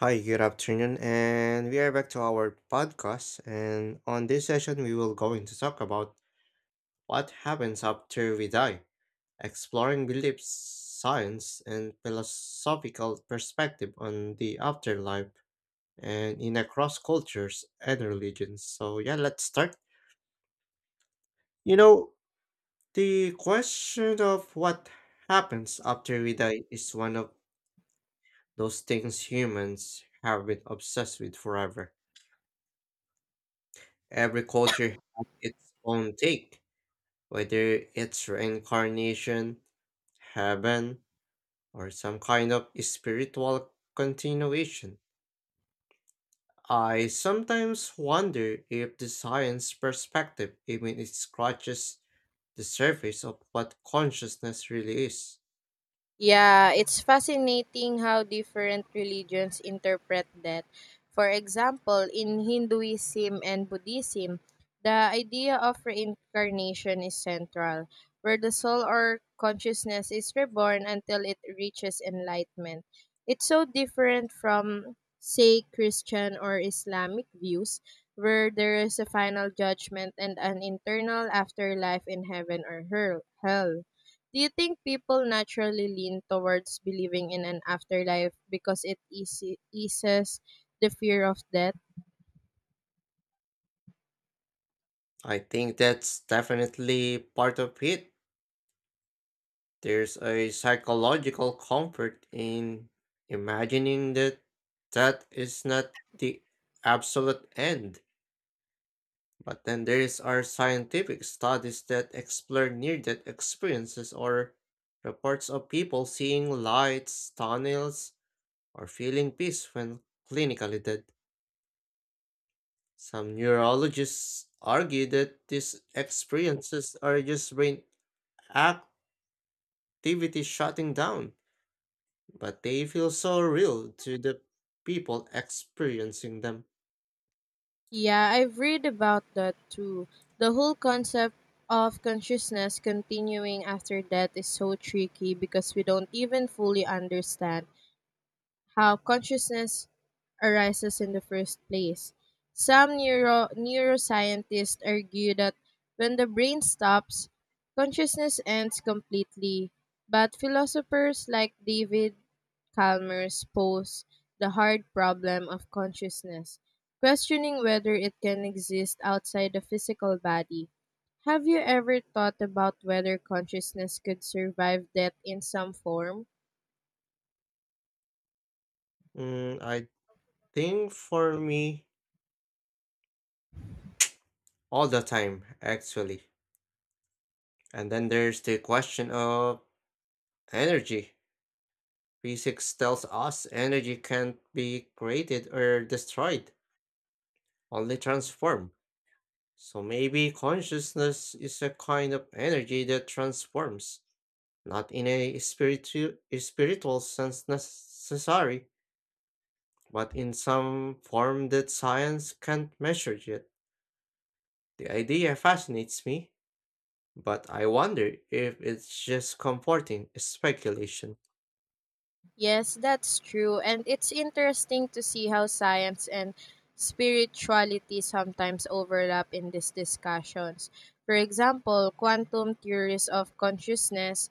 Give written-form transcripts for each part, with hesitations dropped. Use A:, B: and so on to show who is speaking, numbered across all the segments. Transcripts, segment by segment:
A: Hi, good afternoon, and we are back to our podcast. And on this session, we will going to talk about what happens after we die, exploring beliefs, science, and philosophical perspective on the afterlife, and in across cultures and religions. So yeah, let's start. You know, the question of what happens after we die is one of those things humans have been obsessed with forever. Every culture has its own take, whether it's reincarnation, heaven, or some kind of spiritual continuation. I sometimes wonder if the science perspective even scratches the surface of what consciousness really is.
B: Yeah, it's fascinating how different religions interpret that. For example, in Hinduism and Buddhism, the idea of reincarnation is central, where the soul or consciousness is reborn until it reaches enlightenment. It's so different from, say, Christian or Islamic views, where there is a final judgment and an internal afterlife in heaven or hell. Do you think people naturally lean towards believing in an afterlife because eases the fear of death?
A: I think that's definitely part of it. There's a psychological comfort in imagining that that is not the absolute end. But then there's our scientific studies that explore near-death experiences or reports of people seeing lights, tunnels, or feeling peace when clinically dead. Some neurologists argue that these experiences are just brain activity shutting down, but they feel so real to the people experiencing them.
B: Yeah, I've read about that too. The whole concept of consciousness continuing after death is so tricky because we don't even fully understand how consciousness arises in the first place. Some neuroscientists argue that when the brain stops, consciousness ends completely, but philosophers like David Chalmers pose the hard problem of consciousness, questioning whether it can exist outside the physical body. Have you ever thought about whether consciousness could survive death in some form?
A: Mm, I think for me, all the time, actually. And then there's the question of energy. Physics tells us energy can't be created or destroyed, only transformed. So maybe consciousness is a kind of energy that transforms, not in a spiritual sense necessary, but in some form that science can't measure yet. The idea fascinates me, but I wonder if it's just comforting speculation.
B: Yes, that's true. And it's interesting to see how science and spirituality sometimes overlap in these discussions. For example, quantum theories of consciousness,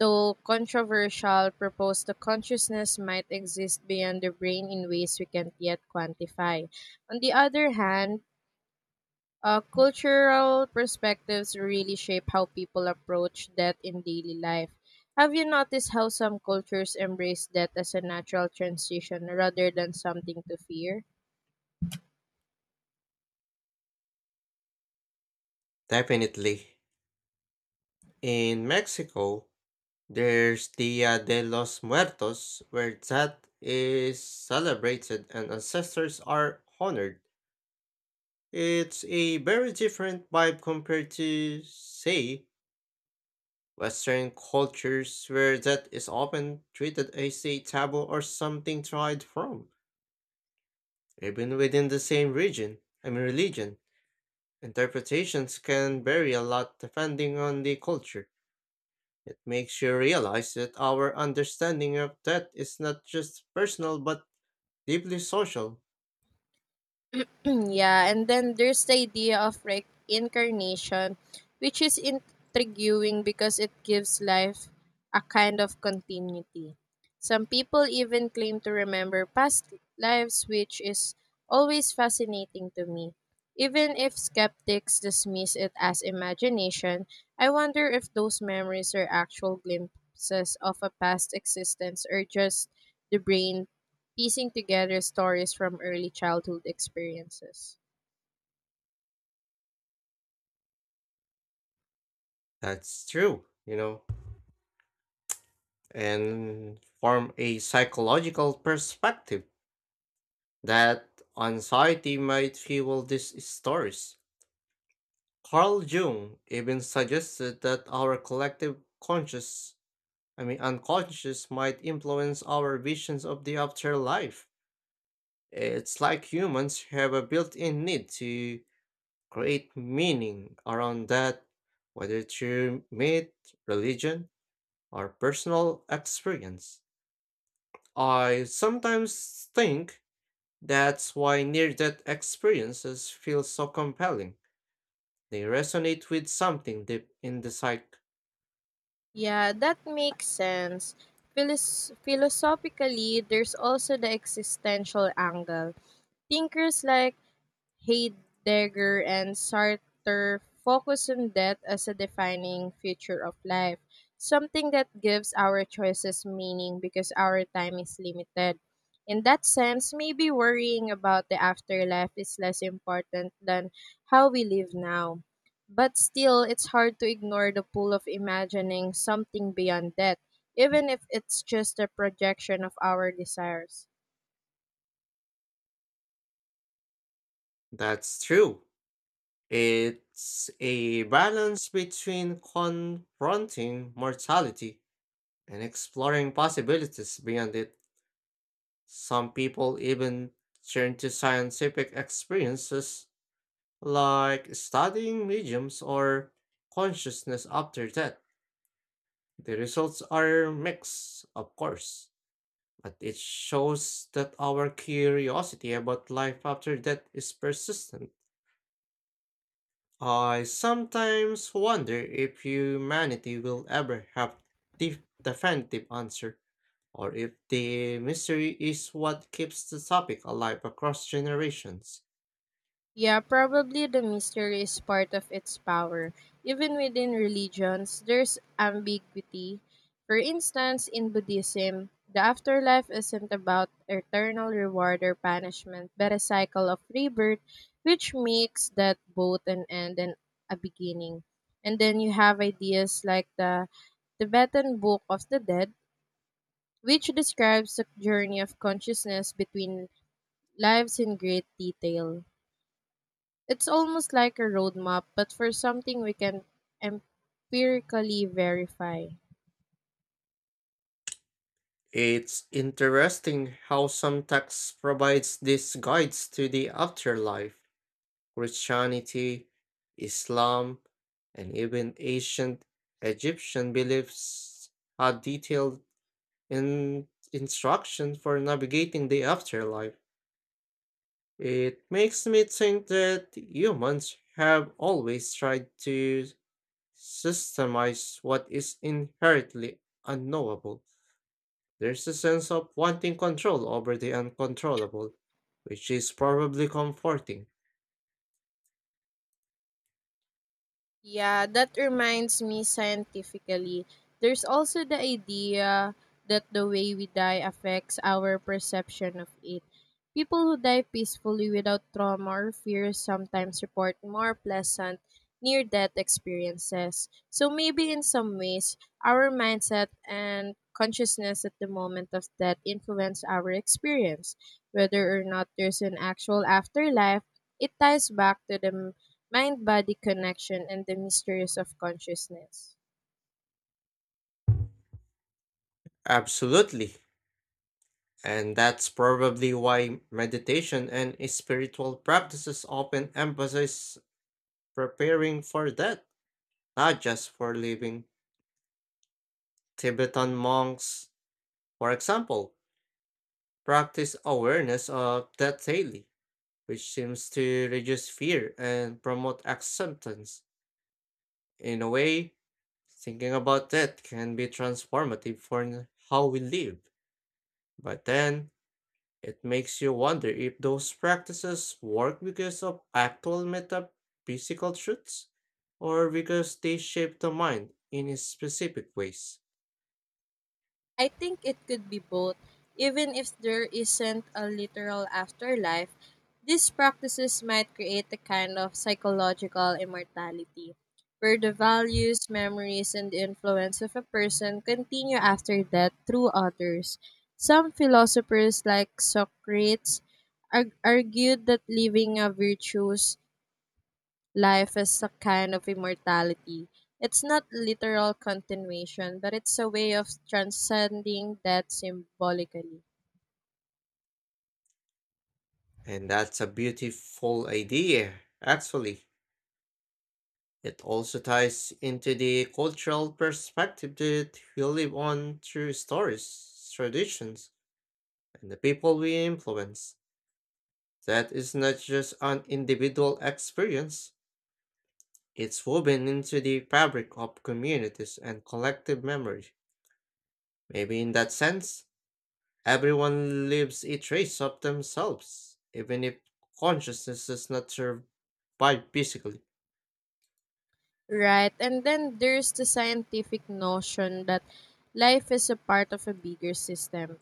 B: though controversial, propose that consciousness might exist beyond the brain in ways we can't yet quantify. On the other hand, cultural perspectives really shape how people approach death in daily life. Have you noticed how some cultures embrace death as a natural transition rather than something to fear?
A: Definitely. In Mexico, there's Dia de los Muertos, where that is celebrated and ancestors are honored. It's a very different vibe compared to, say, Western cultures where that is often treated as a taboo or something tried from. Even within the same region, I mean religion, interpretations can vary a lot depending on the culture. It makes you realize that our understanding of that is not just personal but deeply social.
B: Yeah, and then there's the idea of reincarnation, which is intriguing because it gives life a kind of continuity. Some people even claim to remember past lives, which is always fascinating to me. Even if skeptics dismiss it as imagination, I wonder if those memories are actual glimpses of a past existence or just the brain piecing together stories from early childhood experiences.
A: That's true, and form a psychological perspective that anxiety might fuel these stories. Carl Jung even suggested that our collective conscious, I mean unconscious, might influence our visions of the afterlife. It's like humans have a built in need to create meaning around that, whether through myth, religion, or personal experience. I sometimes think that's why near death experiences feel so compelling. They resonate with something deep in the psyche.
B: Yeah, that makes sense. Philosophically, there's also the existential angle. Thinkers like Heidegger and Sartre focus on death as a defining feature of life, something that gives our choices meaning because our time is limited. In that sense, maybe worrying about the afterlife is less important than how we live now. But still, it's hard to ignore the pull of imagining something beyond death, even if it's just a projection of our desires.
A: That's true. It's a balance between confronting mortality and exploring possibilities beyond it. Some people even turn to scientific experiences like studying mediums or consciousness after death. The results are mixed, of course, but it shows that our curiosity about life after death is persistent. I sometimes wonder if humanity will ever have the definitive answer, or if the mystery is what keeps the topic alive across generations.
B: Yeah, probably the mystery is part of its power. Even within religions, there's ambiguity. For instance, in Buddhism, the afterlife isn't about eternal reward or punishment, but a cycle of rebirth, which makes that both an end and a beginning. And then you have ideas like the Tibetan Book of the Dead, which describes the journey of consciousness between lives in great detail. It's almost like a roadmap, but for something we can empirically verify.
A: It's interesting how some texts provides these guides to the afterlife. Christianity, Islam, and even ancient Egyptian beliefs had detailed instructions for navigating the afterlife. It makes me think that humans have always tried to systemize what is inherently unknowable. There's a sense of wanting control over the uncontrollable, which is probably comforting.
B: Yeah, that reminds me scientifically. There's also the idea that the way we die affects our perception of it. People who die peacefully without trauma or fear sometimes report more pleasant near death experiences. So maybe in some ways, our mindset and consciousness at the moment of death influence our experience. Whether or not there's an actual afterlife, it ties back to the mind body connection and the mysteries of consciousness.
A: Absolutely. And that's probably why meditation and spiritual practices often emphasize preparing for death, not just for living. Tibetan monks, for example, practice awareness of that daily, which seems to reduce fear and promote acceptance. In a way, thinking about that can be transformative for how we live. But then, it makes you wonder if those practices work because of actual metaphysical truths or because they shape the mind in specific ways.
B: I think it could be both, even if there isn't a literal afterlife. These practices might create a kind of psychological immortality, where the values, memories, and the influence of a person continue after death through others. Some philosophers, like Socrates, argued that living a virtues life is a kind of immortality. It's not literal continuation, but it's a way of transcending death symbolically.
A: And that's a beautiful idea, actually. It also ties into the cultural perspective that we live on through stories, traditions, and the people we influence. That is not just an individual experience, it's woven into the fabric of communities and collective memory. Maybe in that sense, everyone leaves a trace of themselves, even if consciousness does not survive physically.
B: Right. And then there's the scientific notion that life is a part of a bigger system.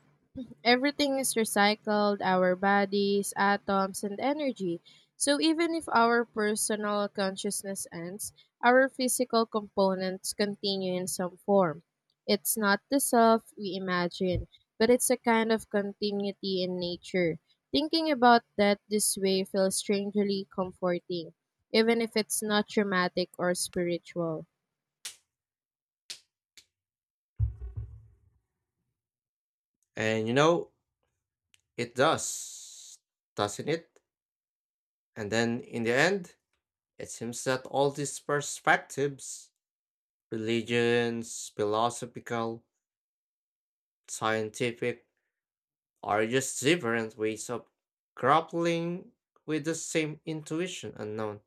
B: Everything is recycled our bodies, atoms, and energy. So even if our personal consciousness ends, our physical components continue in some form. It's not the self we imagine, but it's a kind of continuity in nature. Thinking about that this way feels strangely comforting, even if it's not dramatic or spiritual.
A: And you know, it does, doesn't it? And then in the end, it seems that all these perspectives, religions, philosophical, scientific, are just different ways of grappling with the same intuition unknown.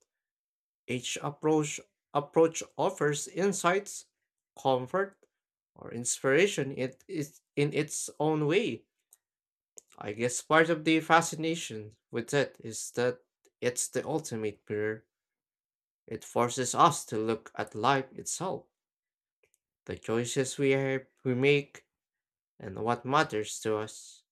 A: Each approach offers insights, comfort, or inspiration it is in its own way. I guess part of the fascination with it is that it's the ultimate mirror. It forces us to look at life itself the choices we make and what matters to us.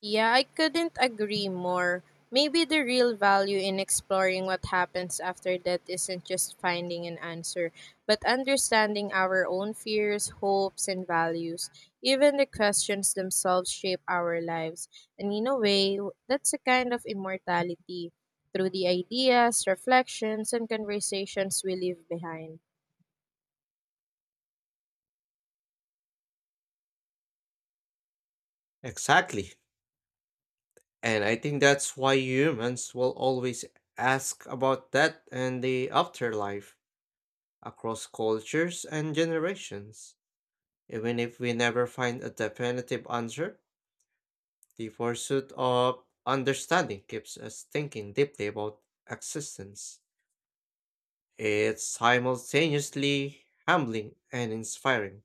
B: Yeah, I couldn't agree more. Maybe the real value in exploring what happens after death isn't just finding an answer, but understanding our own fears, hopes, and values. Even the questions themselves shape our lives. And in a way, that's a kind of immortality through the ideas, reflections, and conversations we leave behind.
A: Exactly. And I think that's why humans will always ask about death and the afterlife across cultures and generations. Even if we never find a definitive answer, the pursuit of understanding keeps us thinking deeply about existence. It's simultaneously humbling and inspiring.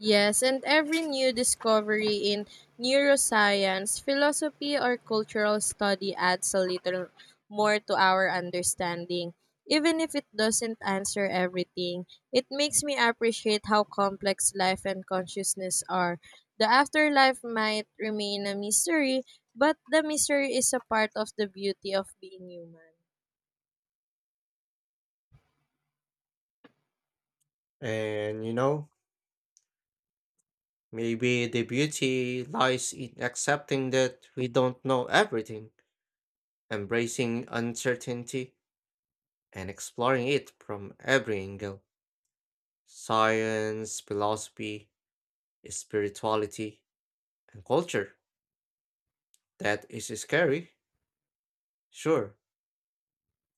B: Yes, and every new discovery in neuroscience, philosophy, or cultural study adds a little more to our understanding. Even if it doesn't answer everything, it makes me appreciate how complex life and consciousness are. The afterlife might remain a mystery, but the mystery is a part of the beauty of being human.
A: And you know, Maybe the beauty lies in accepting that we don't know everything, embracing uncertainty, and exploring it from every angle science, philosophy, spirituality, and culture. That is scary, sure,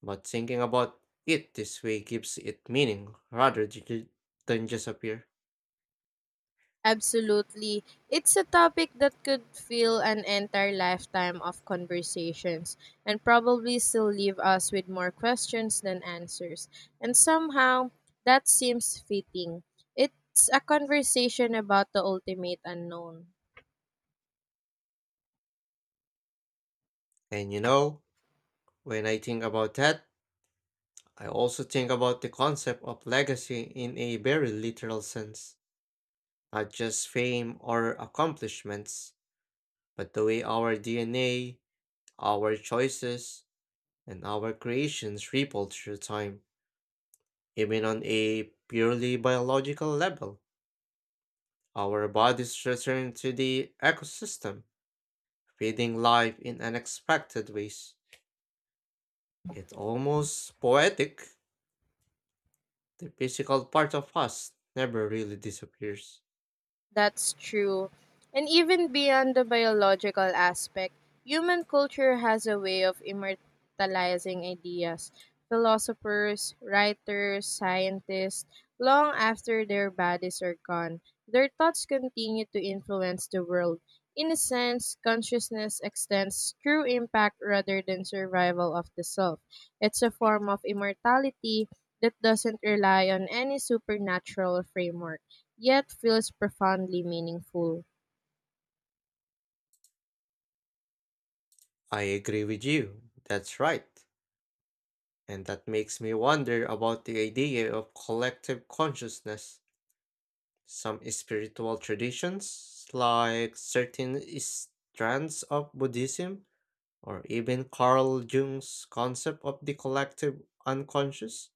A: but thinking about it this way gives it meaning rather than just appear.
B: Absolutely. It's a topic that could fill an entire lifetime of conversations and probably still leave us with more questions than answers. And somehow, that seems fitting. It's a conversation about the ultimate unknown.
A: And you know, when I think about that, I also think about the concept of legacy in a very literal sense. Not just fame or accomplishments, but the way our DNA, our choices, and our creations ripple through time. Even on a purely biological level, our bodies return to the ecosystem, feeding life in unexpected ways. It's almost poetic. The physical part of us never really disappears.
B: That's true. And even beyond the biological aspect, human culture has a way of immortalizing ideas. Philosophers, writers, scientists, long after their bodies are gone, their thoughts continue to influence the world. In a sense, consciousness extends true impact rather than survival of the self. It's a form of immortality that doesn't rely on any supernatural framework yet feels profoundly meaningful.
A: I agree with you. That's right. And that makes me wonder about the idea of collective consciousness. Some spiritual traditions, like certain strands of Buddhism, or even Carl Jung's concept of the collective unconscious,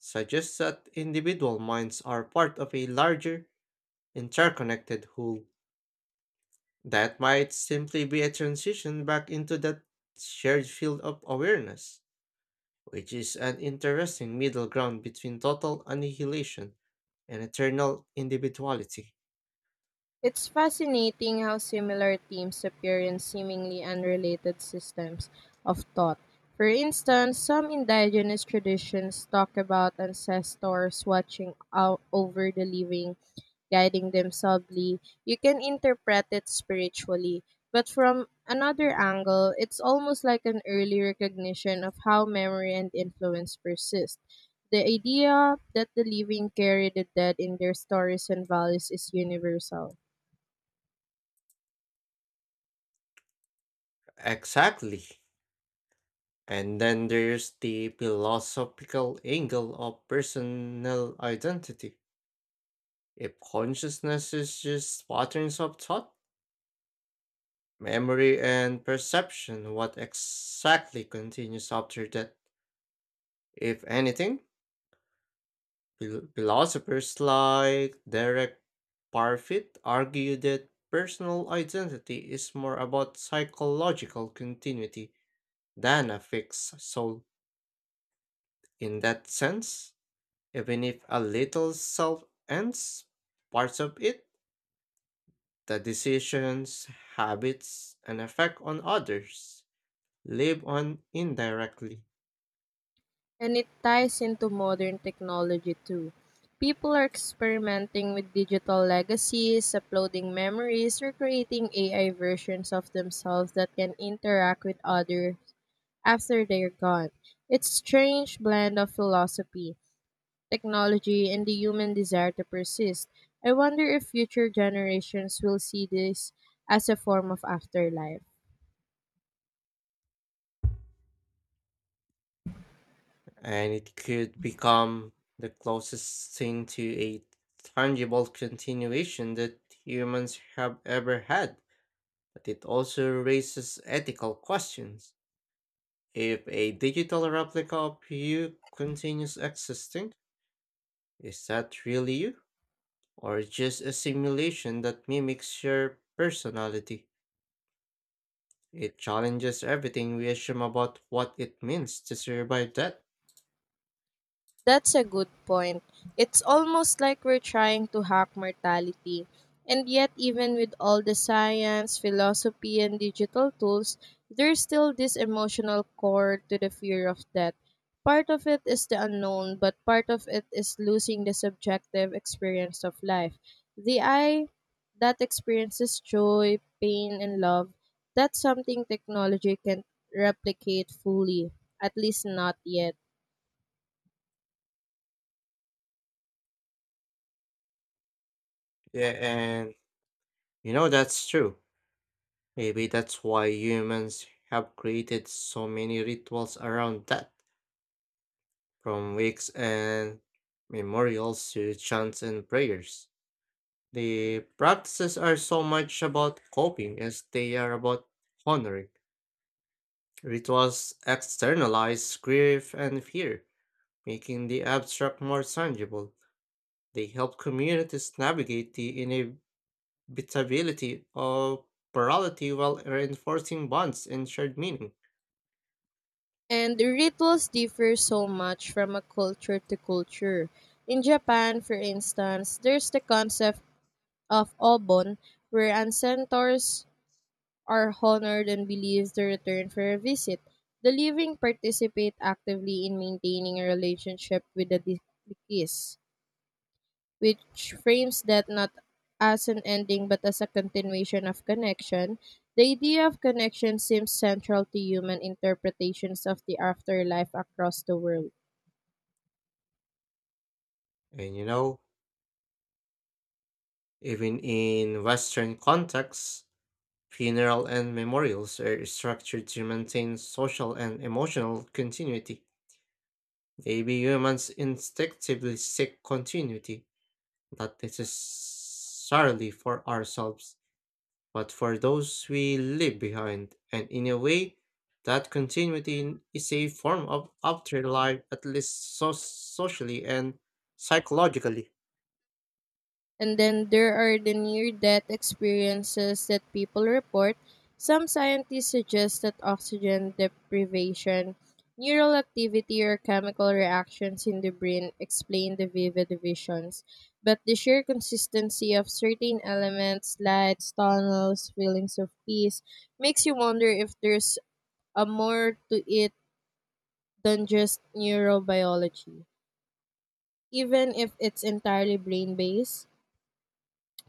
A: suggest that individual minds are part of a larger, interconnected whole. That might simply be a transition back into that shared field of awareness, which is an interesting middle ground between total annihilation and eternal individuality.
B: It's fascinating how similar themes appear in seemingly unrelated systems of thought. For instance, some indigenous traditions talk about ancestors watching out over the living, guiding them subtly. You can interpret it spiritually, but from another angle, it's almost like an early recognition of how memory and influence persist. The idea that the living carry the dead in their stories and values is universal.
A: Exactly. And then there's the philosophical angle of personal identity. If consciousness is just patterns of thought, memory, and perception, what exactly continues after that? If anything, Philosophers like Derek Parfit argue that personal identity is more about psychological continuity than a fixed soul. In that sense, even if a little self ends parts of it, the decisions, habits, and effect on others live on indirectly.
B: And it ties into modern technology too. People are experimenting with digital legacies, uploading memories, or creating AI versions of themselves that can interact with others after they're gone. It's a strange blend of philosophy, technology, and the human desire to persist. I wonder if future generations will see this as a form of afterlife.
A: And it could become the closest thing to a tangible continuation that humans have ever had. But it also raises ethical questions. If a digital replica of you continues existing, is that really you? Or just a simulation that mimics your personality? It challenges everything we assume about what it means to survive that.
B: That's a good point. It's almost like we're trying to hack mortality. And yet, even with all the science, philosophy, and digital tools, there's still this emotional core to the fear of death. Part of it is the unknown, but part of it is losing the subjective experience of life. The eye that experiences joy, pain, and love, that's something technology can replicate fully, at least not yet.
A: Yeah, and that's true. Maybe that's why humans have created so many rituals around that, from wakes and memorials to chants and prayers. The practices are so much about coping as they are about honoring. Rituals externalize grief and fear, making the abstract more tangible. They help communities navigate the inevitability of plurality while reinforcing bonds and shared meaning.
B: And the rituals differ so much from a culture to culture. In Japan, for instance, there's the concept of obon, where ancestors are honored and believed to return for a visit. The living participate actively in maintaining a relationship with the deceased, which frames death not as an ending but as a continuation of connection, the idea of connection seems central to human interpretations of the afterlife across the world.
A: And you know, Even in Western contexts, funeral and memorials are structured to maintain social and emotional continuity. Maybe humans instinctively seek continuity, not necessarily for ourselves, but for those we leave behind, and in a way, that continuity is a form of afterlife, at least socially and psychologically.
B: And then there are the near death experiences that people report. Some scientists suggest that oxygen deprivation, neural activity, or chemical reactions in the brain explain the vivid visions. But the sheer consistency of certain elements, lights, tunnels, feelings of peace, makes you wonder if there's a more to it than just neurobiology, even if it's entirely brain based.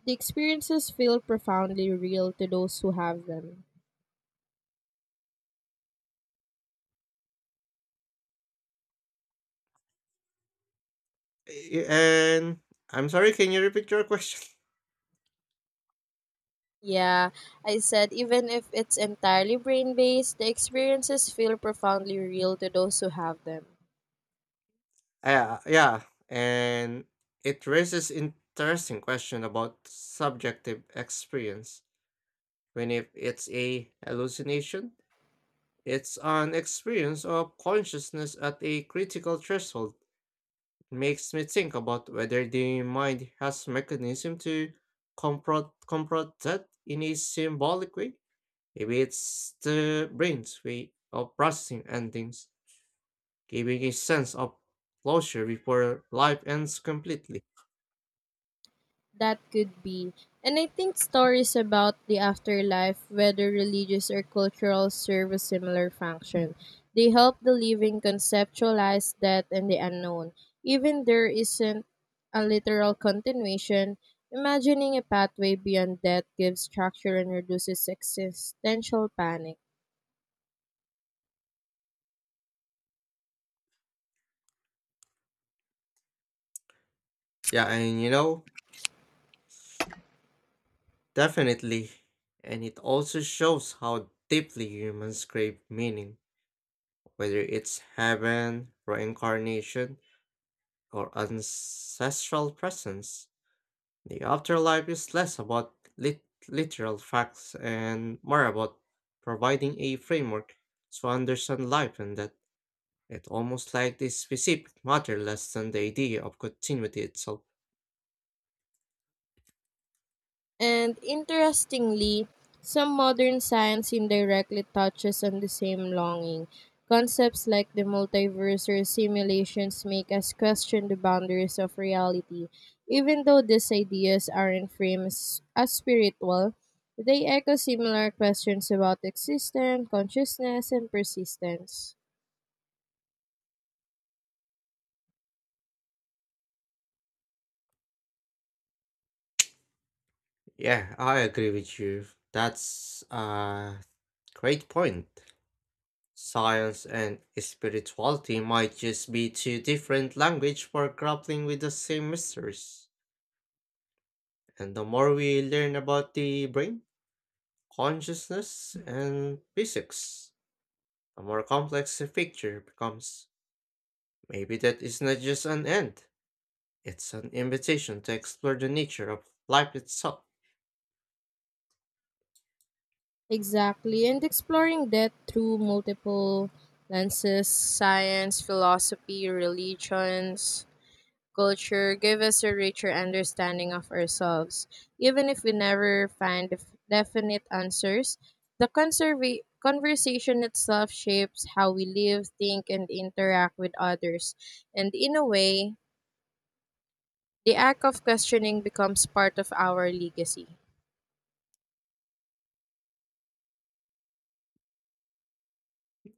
B: The experiences feel profoundly real to those who have them.
A: And I'm sorry, can you repeat your question?
B: Yeah, I said even if it's entirely brain based, the experiences feel profoundly real to those who have them.
A: Uh, yeah, and it raises interesting question about subjective experience. When if it's a hallucination, it's an experience of consciousness at a critical threshold. Makes me think about whether the mind has mechanism to confront that in a symbolic way. Maybe it's the brain's way of processing endings, giving a sense of closure before life ends completely.
B: That could be. And I think stories about the afterlife, whether religious or cultural, serve a similar function. They help the living conceptualize death and the unknown. Even there isn't a literal continuation, imagining a pathway beyond death gives structure and reduces existential panic.
A: Yeah, and definitely. And it also shows how deeply humans crave meaning, whether it's heaven, reincarnation, or ancestral presence. The afterlife is less about literal facts and more about providing a framework to understand life and that it almost like the specific matter less than the idea of continuity itself.
B: And interestingly, some modern science indirectly touches on the same longing. Concepts like the multiverse or simulations make us question the boundaries of reality. Even though these ideas aren't framed as spiritual, they echo similar questions about existence, consciousness, and persistence.
A: Yeah, I agree with you. That's a great point. Science and spirituality might just be two different languages for grappling with the same mysteries. And the more we learn about the brain, consciousness, and physics, the more complex the picture becomes. Maybe that is not just an end, it's an invitation to explore the nature of life itself.
B: Exactly, and exploring that through multiple lenses science, philosophy, religions culture give us a richer understanding of ourselves. Even if we never find definite answers, the conversation itself shapes how we live, think, and interact with others. And in a way, the act of questioning becomes part of our legacy.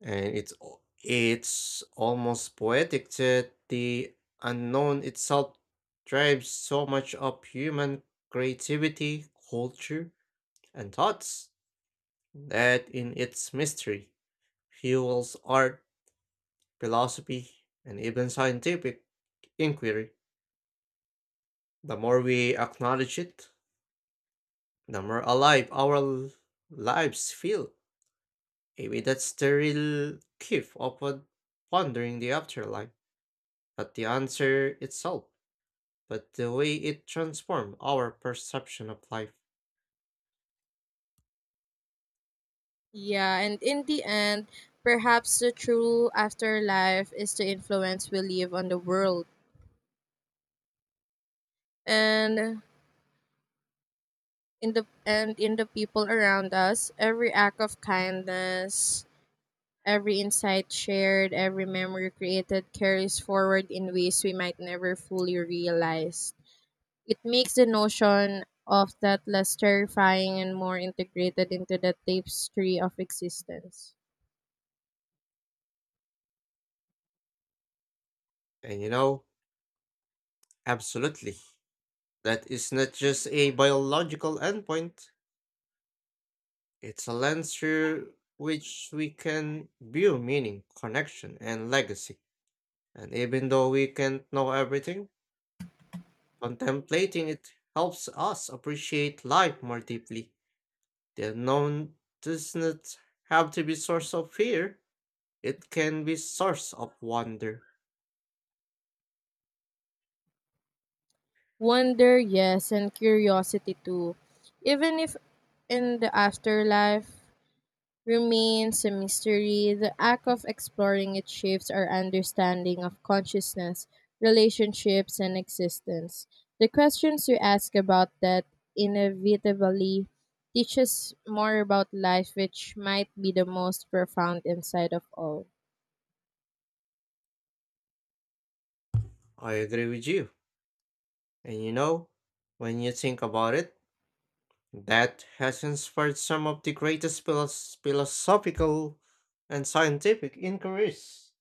A: And it's almost poetic that the unknown itself drives so much of human creativity, culture, and thoughts that in its mystery fuels art, philosophy, and even scientific inquiry. The more we acknowledge it, the more alive our lives feel. Maybe that's the real gift of pondering the afterlife, but the answer itself, but the way it transformed our perception of life.
B: Yeah, and in the end, perhaps the true afterlife is the influence we leave on the world. And in the people around us. Every act of kindness, every insight shared, every memory created carries forward in ways we might never fully realize. It makes the notion of that less terrifying and more integrated into the tapestry of existence.
A: And you know, Absolutely, that is not just a biological endpoint, it's a lens through which we can view meaning, connection, and legacy. And even though we can't know everything, contemplating it helps us appreciate life more deeply. The unknown does not have to be source of fear, it can be source of wonder.
B: Wonder, yes, and curiosity too. Even if in the afterlife, remains a mystery, the act of exploring it shapes our understanding of consciousness, relationships, and existence. The questions you ask about that inevitably teach us more about life, which might be the most profound insight of all.
A: I agree with you. And you know, when you think about it, that has inspired some of the greatest philosophical and scientific inquiries.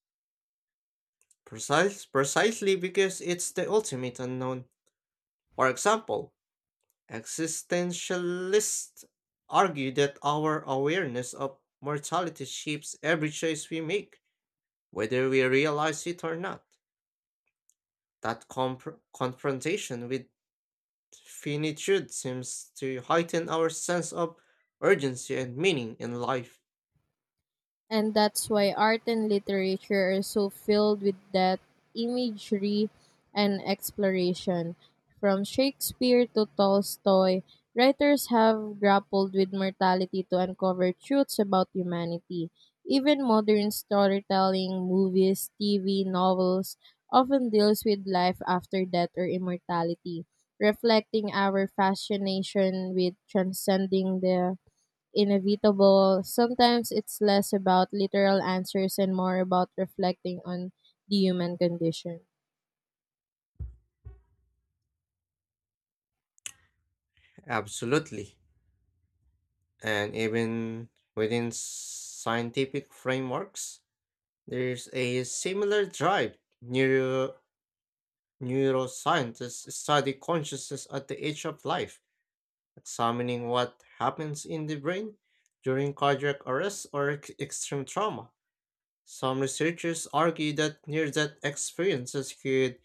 A: Precisely because it's the ultimate unknown. For example, existentialists argue that our awareness of mortality shapes every choice we make, whether we realize it or not. That confrontation with finitude seems to heighten our sense of urgency and meaning in life.
B: And that's why art and literature are so filled with that imagery and exploration. From Shakespeare to Tolstoy, writers have grappled with mortality to uncover truths about humanity. Even modern storytelling, movies, TV, novels often deals with life after death or immortality, reflecting our fascination with transcending the inevitable, sometimes it's less about literal answers and more about reflecting on the human condition.
A: Absolutely. And even within scientific frameworks, there's a similar drive. Neuroscientists study consciousness at the edge of life, examining what happens in the brain during cardiac arrest or extreme trauma. Some researchers argue that near-death experiences could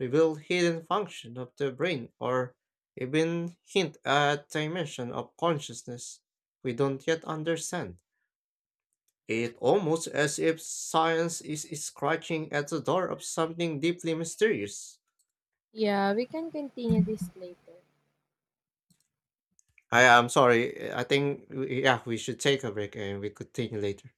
A: reveal hidden function of the brain or even hint at dimension of consciousness we don't yet understand. It almost as if science is scratching at the door of something deeply mysterious.
B: Yeah, we can continue this later.
A: I am sorry, I think yeah, we should take a break and we could continue later.